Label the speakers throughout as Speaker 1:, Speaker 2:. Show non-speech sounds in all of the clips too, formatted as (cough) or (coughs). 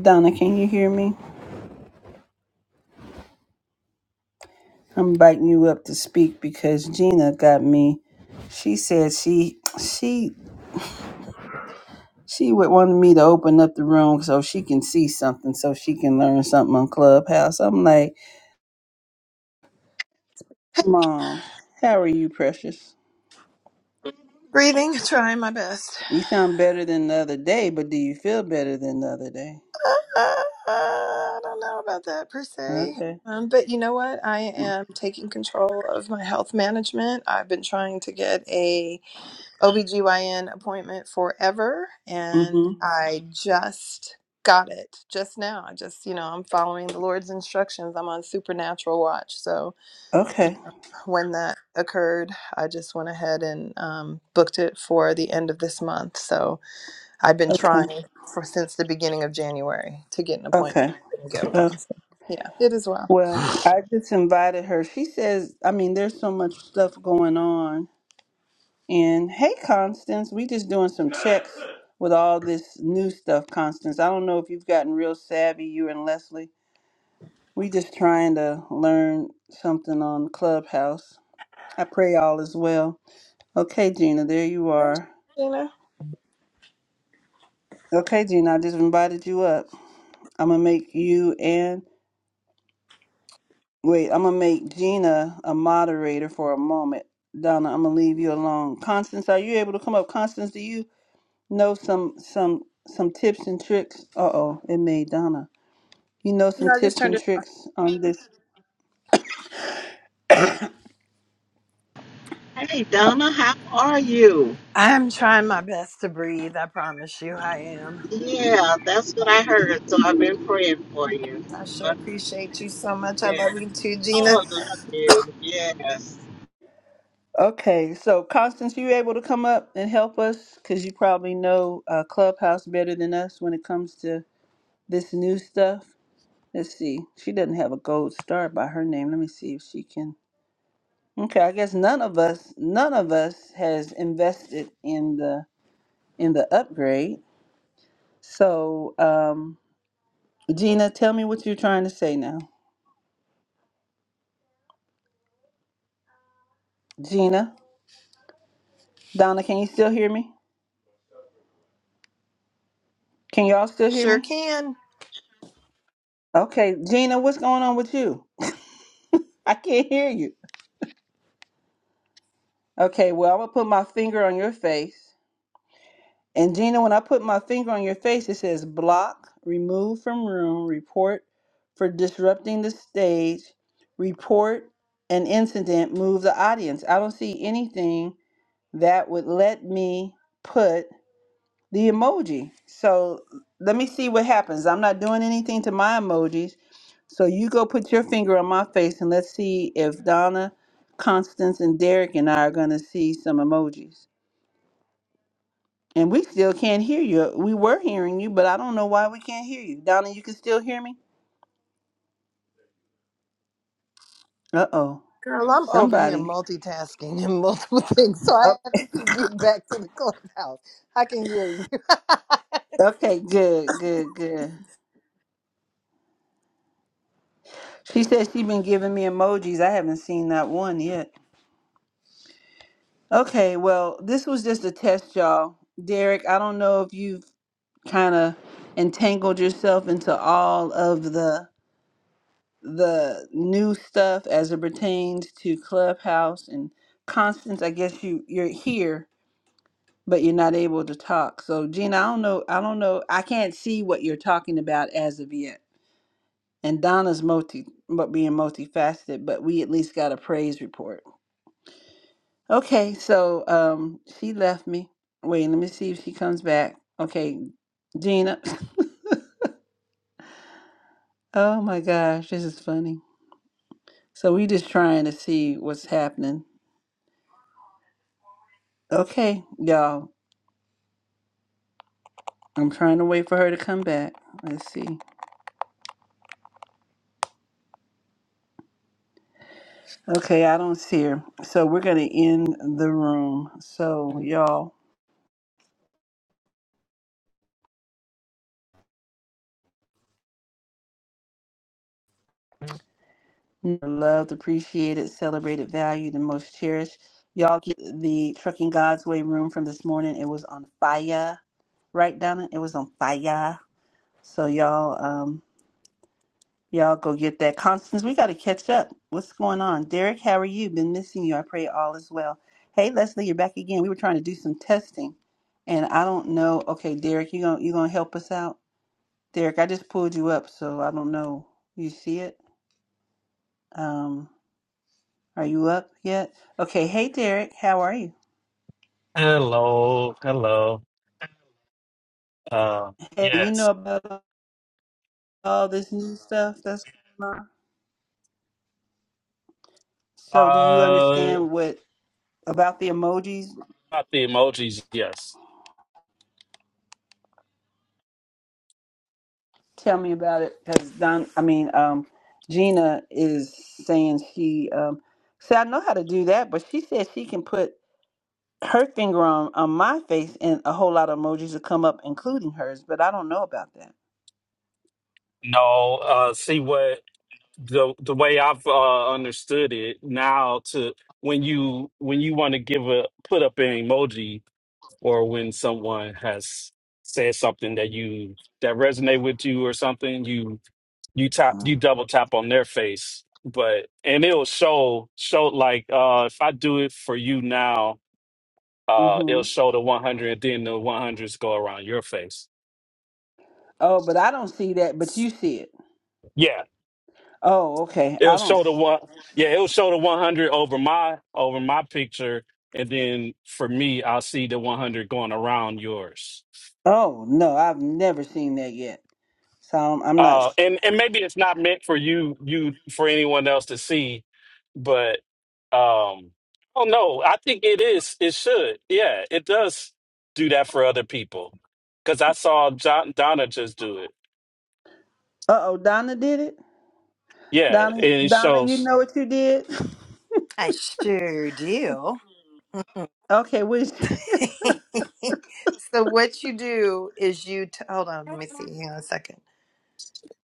Speaker 1: Donna, can you hear me? I'm inviting you up to speak because Gina got me. She said she she she would want me to open up the room so she can see something, so she can learn something on Clubhouse. I'm like, Mom, how are you, precious?
Speaker 2: Breathing, (laughs) trying my best.
Speaker 1: You sound better than the other day, but do you feel better than the other day?
Speaker 2: Uh, uh, uh, I don't know about that per se.
Speaker 1: Okay.
Speaker 2: Um, but you know what? I am taking control of my health management. I've been trying to get a OBGYN appointment forever and
Speaker 1: Mm-hmm.
Speaker 2: I just got it just now. I just, you know, I'm following the Lord's instructions. I'm on supernatural watch. So
Speaker 1: Okay.
Speaker 2: when that occurred, I just went ahead and um, booked it for the end of this month. So I've been
Speaker 1: Okay.
Speaker 2: trying for since the beginning of January to get an appointment.
Speaker 1: Okay.
Speaker 2: Couldn't get
Speaker 1: Uh,
Speaker 2: one. Yeah, it is well.
Speaker 1: well, I just invited her. She says, I mean, there's so much stuff going on And hey, Constance, we just doing some checks with all this new stuff, Constance. I don't know if you've gotten real savvy, you and Leslie. We just trying to learn something on Clubhouse. I pray all is well. Okay, Gina, there you
Speaker 2: Thank
Speaker 1: are.
Speaker 2: you, Gina.
Speaker 1: Okay, Gina, I just invited you up. I'm gonna make you and wait, I'm gonna make Gina a moderator for a moment. Donna, I'm gonna leave you alone. Constance, are you able to come up? Constance, do you? know some some some tips and tricks. Uh oh, it made Donna. You know some tips and tricks on this.
Speaker 3: Hey, Donna, how are you?
Speaker 2: I'm trying my best to breathe. I promise you, I am.
Speaker 3: Yeah, that's what I heard. So I've been praying for you.
Speaker 2: I sure
Speaker 3: Love
Speaker 2: appreciate you so much.
Speaker 3: you.
Speaker 2: I love
Speaker 3: Yeah.
Speaker 2: you too, Gina.
Speaker 3: Oh, I love you. Yes.
Speaker 1: Okay, so Constance, you able to come up and help us because you probably know uh, Clubhouse better than us when it comes to this new stuff. Let's see. She doesn't have a gold star by her name. Let me see if she can. Okay, I guess none of us, none of us has invested in the in the upgrade. So, um, Gina, tell me what you're trying to say now. Gina. Donna, can you still hear me? Can y'all still hear
Speaker 2: Sure
Speaker 1: me?
Speaker 2: can.
Speaker 1: Okay, Gina, what's going on with you? (laughs) I can't hear you. Okay, well, I'm gonna put my finger on your face. And Gina, when I put my finger on your face, it says block, remove from room, report for disrupting the stage, report an incident, move the audience. I don't see anything that would let me put the emoji. So let me see what happens. I'm not doing anything to my emojis. So you go put your finger on my face and let's see if Donna, Constance, and Derek and I are going to see some emojis. And we still can't hear you. We were hearing you, but I don't know why we can't hear you. Donna, you can still hear me? Uh oh.
Speaker 2: Girl, I'm over here
Speaker 1: Somebody.
Speaker 2: multitasking and (laughs) multiple things, so I
Speaker 1: Oh,
Speaker 2: have to keep getting back to the clubhouse. I can hear you. (laughs)
Speaker 1: okay, good, good,
Speaker 2: Mm-hmm.
Speaker 1: good. She said she's been giving me emojis. I haven't seen that one yet. Okay, well, this was just a test, y'all. Derek, I don't know if you've kind of entangled yourself into all of the the new stuff as it pertains to Clubhouse and Constance. I guess you you're here, but you're not able to talk. So Gina, I don't know. I don't know. I can't see what you're talking about as of yet. And Donna's multi, but being multifaceted, but we at least got a praise report. Okay, so um, she left me. Wait, let me see if she comes back. Okay, Gina. (coughs) Oh my gosh, this is funny. So we just trying to see what's happening. Okay, y'all. I'm trying to wait for her to come back. Let's see. Okay, I don't see her. So we're gonna end the room. So y'all loved, appreciated, celebrated, valued, and most cherished. Y'all get the Trucking God's Way room from this morning. It was on fire. Right, Donna? It was on fire. So y'all um, Y'all go get that. Constance, we got to catch up. What's going on? Derek, how are you? Been missing you. I pray all is well. Hey, Leslie, you're back again. We were trying to do some testing, and I don't know. Okay, Derek, you gonna you gonna help us out? Derek, I just pulled you up, so I don't know. You see it? Um, are you up yet? Okay. Hey, Derek, how are you?
Speaker 4: Hello, hello. Uh,
Speaker 1: Hey, you
Speaker 4: yes.
Speaker 1: know about all this new stuff that's going on. So, do you
Speaker 4: Uh,
Speaker 1: understand what about the emojis?
Speaker 4: not the emojis. Yes.
Speaker 1: Tell me about it, because Don. I mean, um, Gina is saying she. Um, see, I know how to do that, but she said she can put her finger on on my face, and a whole lot of emojis will come up, including hers. But I don't know about that.
Speaker 4: No. Uh, see what the the way I've uh, understood it now to when you when you want to give a put up an emoji or when someone has said something that you that resonate with you or something you you tap you double tap on their face but and it'll show show like uh if I do it for you now Uh,
Speaker 1: Mm-hmm.
Speaker 4: it'll show the 100, then the 100s go around your face.
Speaker 1: Oh, but I don't see that. But you see it.
Speaker 4: Yeah,
Speaker 1: Oh, okay.
Speaker 4: it'll
Speaker 1: I don't.
Speaker 4: show the
Speaker 1: s-
Speaker 4: one. Yeah, it'll show the 100 over my over my picture, and then for me, I'll see the 100 going around yours.
Speaker 1: Oh no, I've never seen that yet. So I'm, I'm not.
Speaker 4: Uh, and and maybe it's not meant for you you for anyone else to see, but um, I don't know. I think it is. It should. Yeah, it does do that for other people because I saw John, Donna just do it.
Speaker 1: Uh oh, Donna did it.
Speaker 4: Yeah, and
Speaker 1: Donna,
Speaker 4: it
Speaker 1: Donna, you
Speaker 4: shows.
Speaker 1: know what you did.
Speaker 2: I sure do. (laughs)
Speaker 1: (laughs) Okay, which?
Speaker 2: so what you do is you t- hold on, let me see. Hang on a second.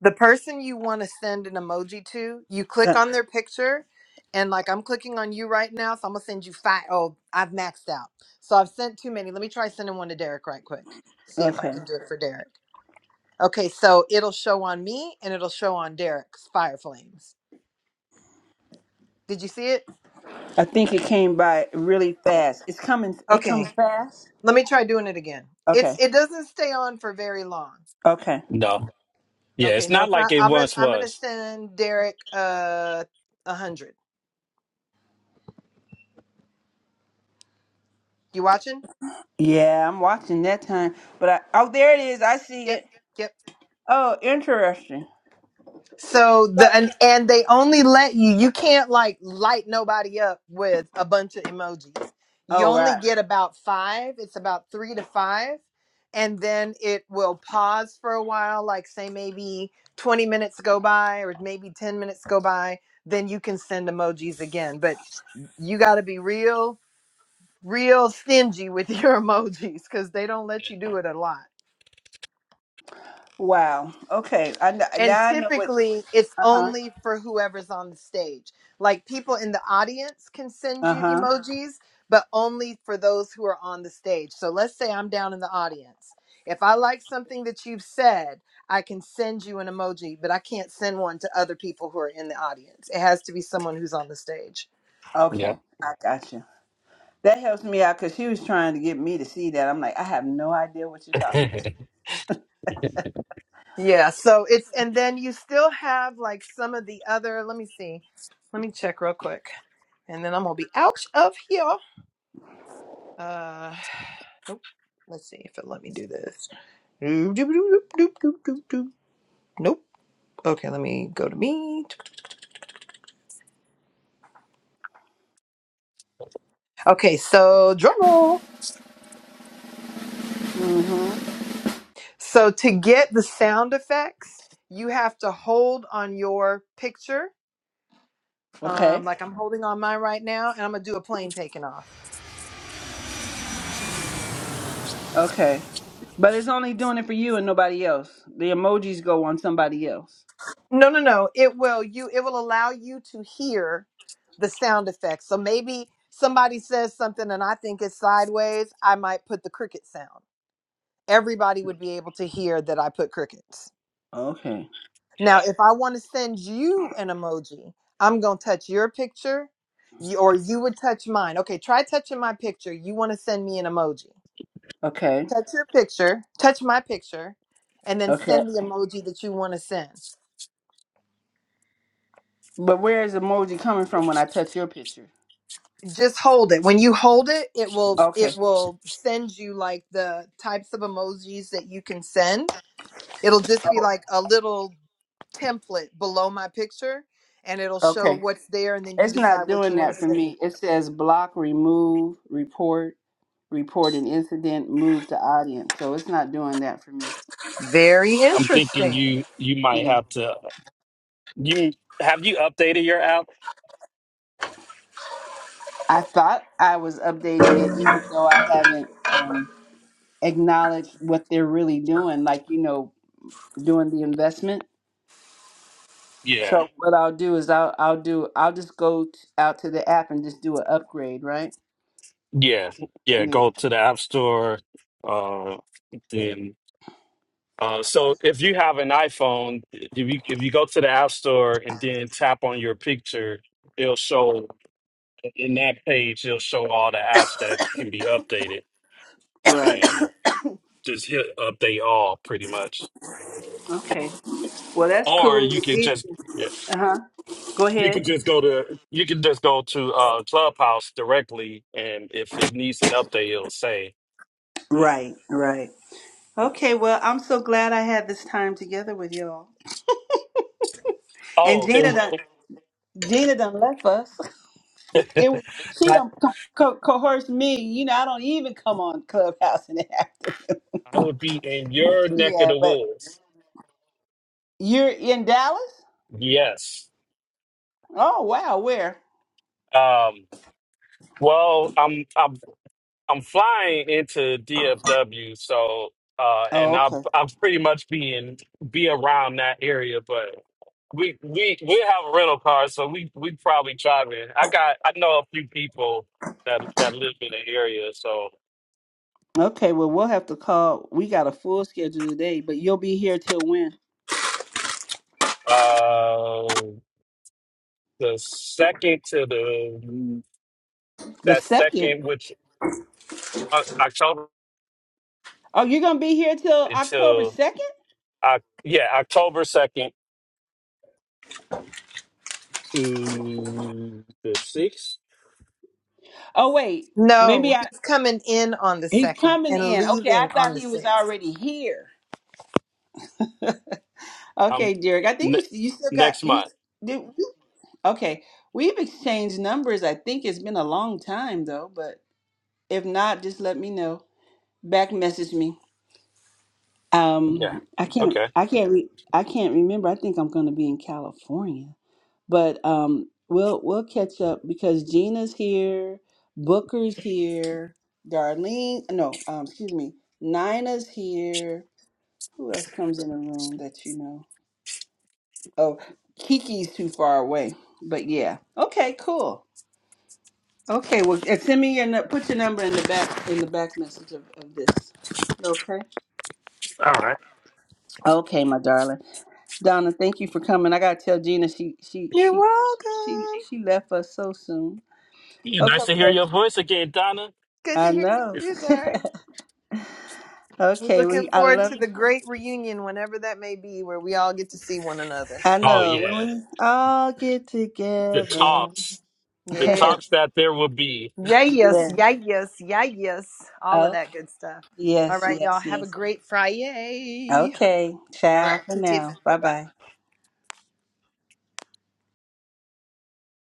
Speaker 2: the person you want to send an emoji to, you click
Speaker 1: Uh,
Speaker 2: on their picture, and like I'm clicking on you right now, so I'm gonna send you five. Oh, I've maxed out, so I've sent too many. Let me try sending one to Derek right quick. See if I
Speaker 1: okay.
Speaker 2: can do it for Derek. Okay, so it'll show on me and it'll show on Derek's fire flames. Did you see it?
Speaker 1: I think it came by really fast. It's coming. It comes
Speaker 2: Okay,
Speaker 1: fast.
Speaker 2: let me try doing it again. It's
Speaker 1: Okay.
Speaker 2: it doesn't stay on for very long.
Speaker 1: Okay.
Speaker 4: No. Yeah, it's
Speaker 2: Okay, no,
Speaker 4: not
Speaker 2: it's
Speaker 4: like
Speaker 2: not.
Speaker 4: it
Speaker 2: I'm gonna
Speaker 4: once
Speaker 2: I'm gonna
Speaker 4: was.
Speaker 2: send Derek uh a hundred. You watching?
Speaker 1: Yeah, I'm watching that time. But I oh, there it is. I see
Speaker 2: Yep.
Speaker 1: it.
Speaker 2: yep.
Speaker 1: Oh, interesting.
Speaker 2: So the
Speaker 1: But
Speaker 2: and, and they only let you you can't like light nobody up with a bunch of emojis. You
Speaker 1: oh,
Speaker 2: only
Speaker 1: right.
Speaker 2: get about 5. It's about 3 to 5 and then it will pause for a while like say maybe 20 minutes go by or maybe 10 minutes go by then you can send emojis again. But you got to be real real stingy with (laughs) your emojis cuz they don't let you do it a lot.
Speaker 1: Wow. Okay. I kn-
Speaker 2: And
Speaker 1: now I know what.
Speaker 2: typically, it's
Speaker 1: Uh huh.
Speaker 2: only for whoever's on the stage. Like people in the audience can send
Speaker 1: Uh
Speaker 2: you
Speaker 1: huh.
Speaker 2: emojis, but only for those who are on the stage. So let's say I'm down in the audience. If I like something that you've said, I can send you an emoji, but I can't send one to other people who are in the audience. It has to be someone who's on the stage.
Speaker 4: Yeah.
Speaker 1: Okay. I got you. That helps me out because she was trying to get me to see that. I'm like, I have no idea what you're talking
Speaker 4: (laughs)
Speaker 1: about.
Speaker 2: Yeah. So it's, and then you still have like some of the other, let me see, let me check real quick. And then I'm going to be out of here. Uh, (sighs) nope. Let's see if it let me do this. Nope. Okay, let me go to me. Okay, so drum roll.
Speaker 1: Mm-hmm.
Speaker 2: So to get the sound effects, you have to hold on your picture. Um,
Speaker 1: Okay.
Speaker 2: like I'm holding on mine right now, and I'm gonna do a plane taking off.
Speaker 1: Okay. But it's only doing it for you and nobody else. The emojis go on somebody else.
Speaker 2: No, no, no. It will you. It will allow you to hear the sound effects. So maybe somebody says something, and I think it's sideways. I might put the cricket sound. everybody would be able to hear that I put crickets.
Speaker 1: Okay.
Speaker 2: Now,
Speaker 4: Yeah.
Speaker 2: if I want to send you an emoji, I'm going to touch your picture you, or you would touch mine. Okay, try touching my picture. You want to send me an emoji.
Speaker 1: Okay.
Speaker 2: Touch your picture, touch my picture, and then
Speaker 1: Okay.
Speaker 2: send the emoji that you want to send.
Speaker 1: But where is emoji coming from when I touch your picture?
Speaker 2: Just hold it. When you hold it, it will it
Speaker 1: Okay.
Speaker 2: will send you like the types of emojis that you can send. It'll just be
Speaker 1: Oh,
Speaker 2: like a little template below my picture and it'll show
Speaker 1: okay.
Speaker 2: what's there and then you
Speaker 1: It's not
Speaker 2: decide what you
Speaker 1: doing
Speaker 2: want to
Speaker 1: that for
Speaker 2: send me.
Speaker 1: me. It says block, remove, report, report an incident, move to audience. So it's not doing that for me.
Speaker 2: Very
Speaker 4: I'm thinking
Speaker 2: interesting.
Speaker 4: you you might
Speaker 1: Yeah.
Speaker 4: have to you have you updated your app?
Speaker 1: I thought I was updating it, even though I haven't um, acknowledged what they're really doing, like, you know, doing the investment.
Speaker 4: Yeah.
Speaker 1: So what I'll do is I'll I'll do I'll just go t- out to the app and just do an upgrade, right?
Speaker 4: Yeah. Yeah.
Speaker 1: Yeah.
Speaker 4: Go to the app store. Uh then uh so if you have an iPhone, if you if you go to the app store and then tap on your picture, it'll show in that page it'll show all the apps that can be updated
Speaker 1: Right.
Speaker 4: and just hit update all pretty much.
Speaker 1: Okay. Well, that's
Speaker 4: Or
Speaker 1: cool.
Speaker 4: you can just yeah,
Speaker 1: Uh huh. Go
Speaker 4: You can
Speaker 1: ahead.
Speaker 4: just go to you can just go to uh Clubhouse directly, and if it needs an update, it'll say. Mm.
Speaker 1: Right, right. Okay. Well, I'm so glad I had this time together with y'all. And
Speaker 4: Oh,
Speaker 1: Gina done,
Speaker 4: and
Speaker 1: Gina done left us. (laughs) It, was-
Speaker 4: (laughs)
Speaker 1: she
Speaker 4: that
Speaker 1: done co- co- coerced me. You know, I don't even come on Clubhouse and act.
Speaker 4: I would be in your neck of
Speaker 1: Yeah,
Speaker 4: the
Speaker 1: but
Speaker 4: woods.
Speaker 1: you're in Dallas.
Speaker 4: Yes.
Speaker 1: Oh wow, where?
Speaker 4: Um. Well, I'm. I I'm flying into DFW, so uh, and
Speaker 1: Oh
Speaker 4: I'll
Speaker 1: okay.
Speaker 4: I'll pretty much be in be around that area. But we we we have a rental car, so we we probably driving. I got I know a few people that that live in the area, so
Speaker 1: Okay. Well, we'll have to call. We got a full schedule today, but you'll be here till when?
Speaker 4: uh, the second to the
Speaker 1: The
Speaker 4: that
Speaker 1: second.
Speaker 4: second, which uh, October
Speaker 1: Oh, you're gonna be here till October
Speaker 4: until
Speaker 1: 2nd?
Speaker 4: I yeah October second to the sixth.
Speaker 1: Oh wait, maybe
Speaker 2: No,
Speaker 1: I
Speaker 2: he's coming in on the
Speaker 1: he's
Speaker 2: second
Speaker 1: coming
Speaker 2: and
Speaker 1: in. Okay, I
Speaker 2: leaving on
Speaker 1: thought
Speaker 2: the
Speaker 1: he was
Speaker 2: sixth.
Speaker 1: already here.
Speaker 4: Um,
Speaker 1: Okay, Derek, I think
Speaker 4: ne-
Speaker 1: you you still got
Speaker 4: next month.
Speaker 1: you. Did, okay, we've exchanged numbers. I think it's been a long time though, but if not, just let me know. Back message me.
Speaker 4: Yeah.
Speaker 1: Um, I can't
Speaker 4: Okay.
Speaker 1: I can't re- I can't remember. I think I'm going to be in California, but um, we'll we'll catch up because Gina's here, Booker's here, Darlene. No, um, excuse me, Nina's here Who else comes in the room that you know? Oh, Kiki's too far away. But yeah. Okay, cool. Okay, well and send me your nu- put your number in the back in the back message of, of this. Okay.
Speaker 4: All right.
Speaker 1: Okay, my darling. Donna, thank you for coming. I gotta tell Gina she she
Speaker 2: You're
Speaker 1: she she
Speaker 2: welcome.
Speaker 1: she left us so soon.
Speaker 4: Yeah,
Speaker 1: Okay,
Speaker 4: nice to hear your
Speaker 1: precious.
Speaker 4: voice again, Donna.
Speaker 2: Good to
Speaker 1: I
Speaker 2: hear you
Speaker 1: know.
Speaker 4: It's-
Speaker 2: too, Derek.
Speaker 1: (laughs)
Speaker 2: We're
Speaker 1: okay,
Speaker 2: looking
Speaker 1: we I
Speaker 2: forward
Speaker 1: love
Speaker 2: to
Speaker 1: you.
Speaker 2: the great reunion whenever that may be where we all get to see one another.
Speaker 1: I
Speaker 4: oh
Speaker 1: know.
Speaker 4: yeah,
Speaker 1: When we all get
Speaker 4: the
Speaker 1: together.
Speaker 4: talks,
Speaker 1: (laughs)
Speaker 4: the
Speaker 2: Yes.
Speaker 4: talks that there will be.
Speaker 2: Yeah, yes,
Speaker 1: yes.
Speaker 2: yeah, yes, yeah, yes. All of
Speaker 1: Oh
Speaker 2: that good stuff. All
Speaker 1: yes,
Speaker 2: right, y'all.
Speaker 1: yes,
Speaker 2: Have a
Speaker 1: yes.
Speaker 2: great Friday.
Speaker 1: Okay,
Speaker 2: All
Speaker 1: ciao
Speaker 2: right.
Speaker 1: for
Speaker 2: Bye
Speaker 1: now. Bye
Speaker 2: bye.
Speaker 1: bye.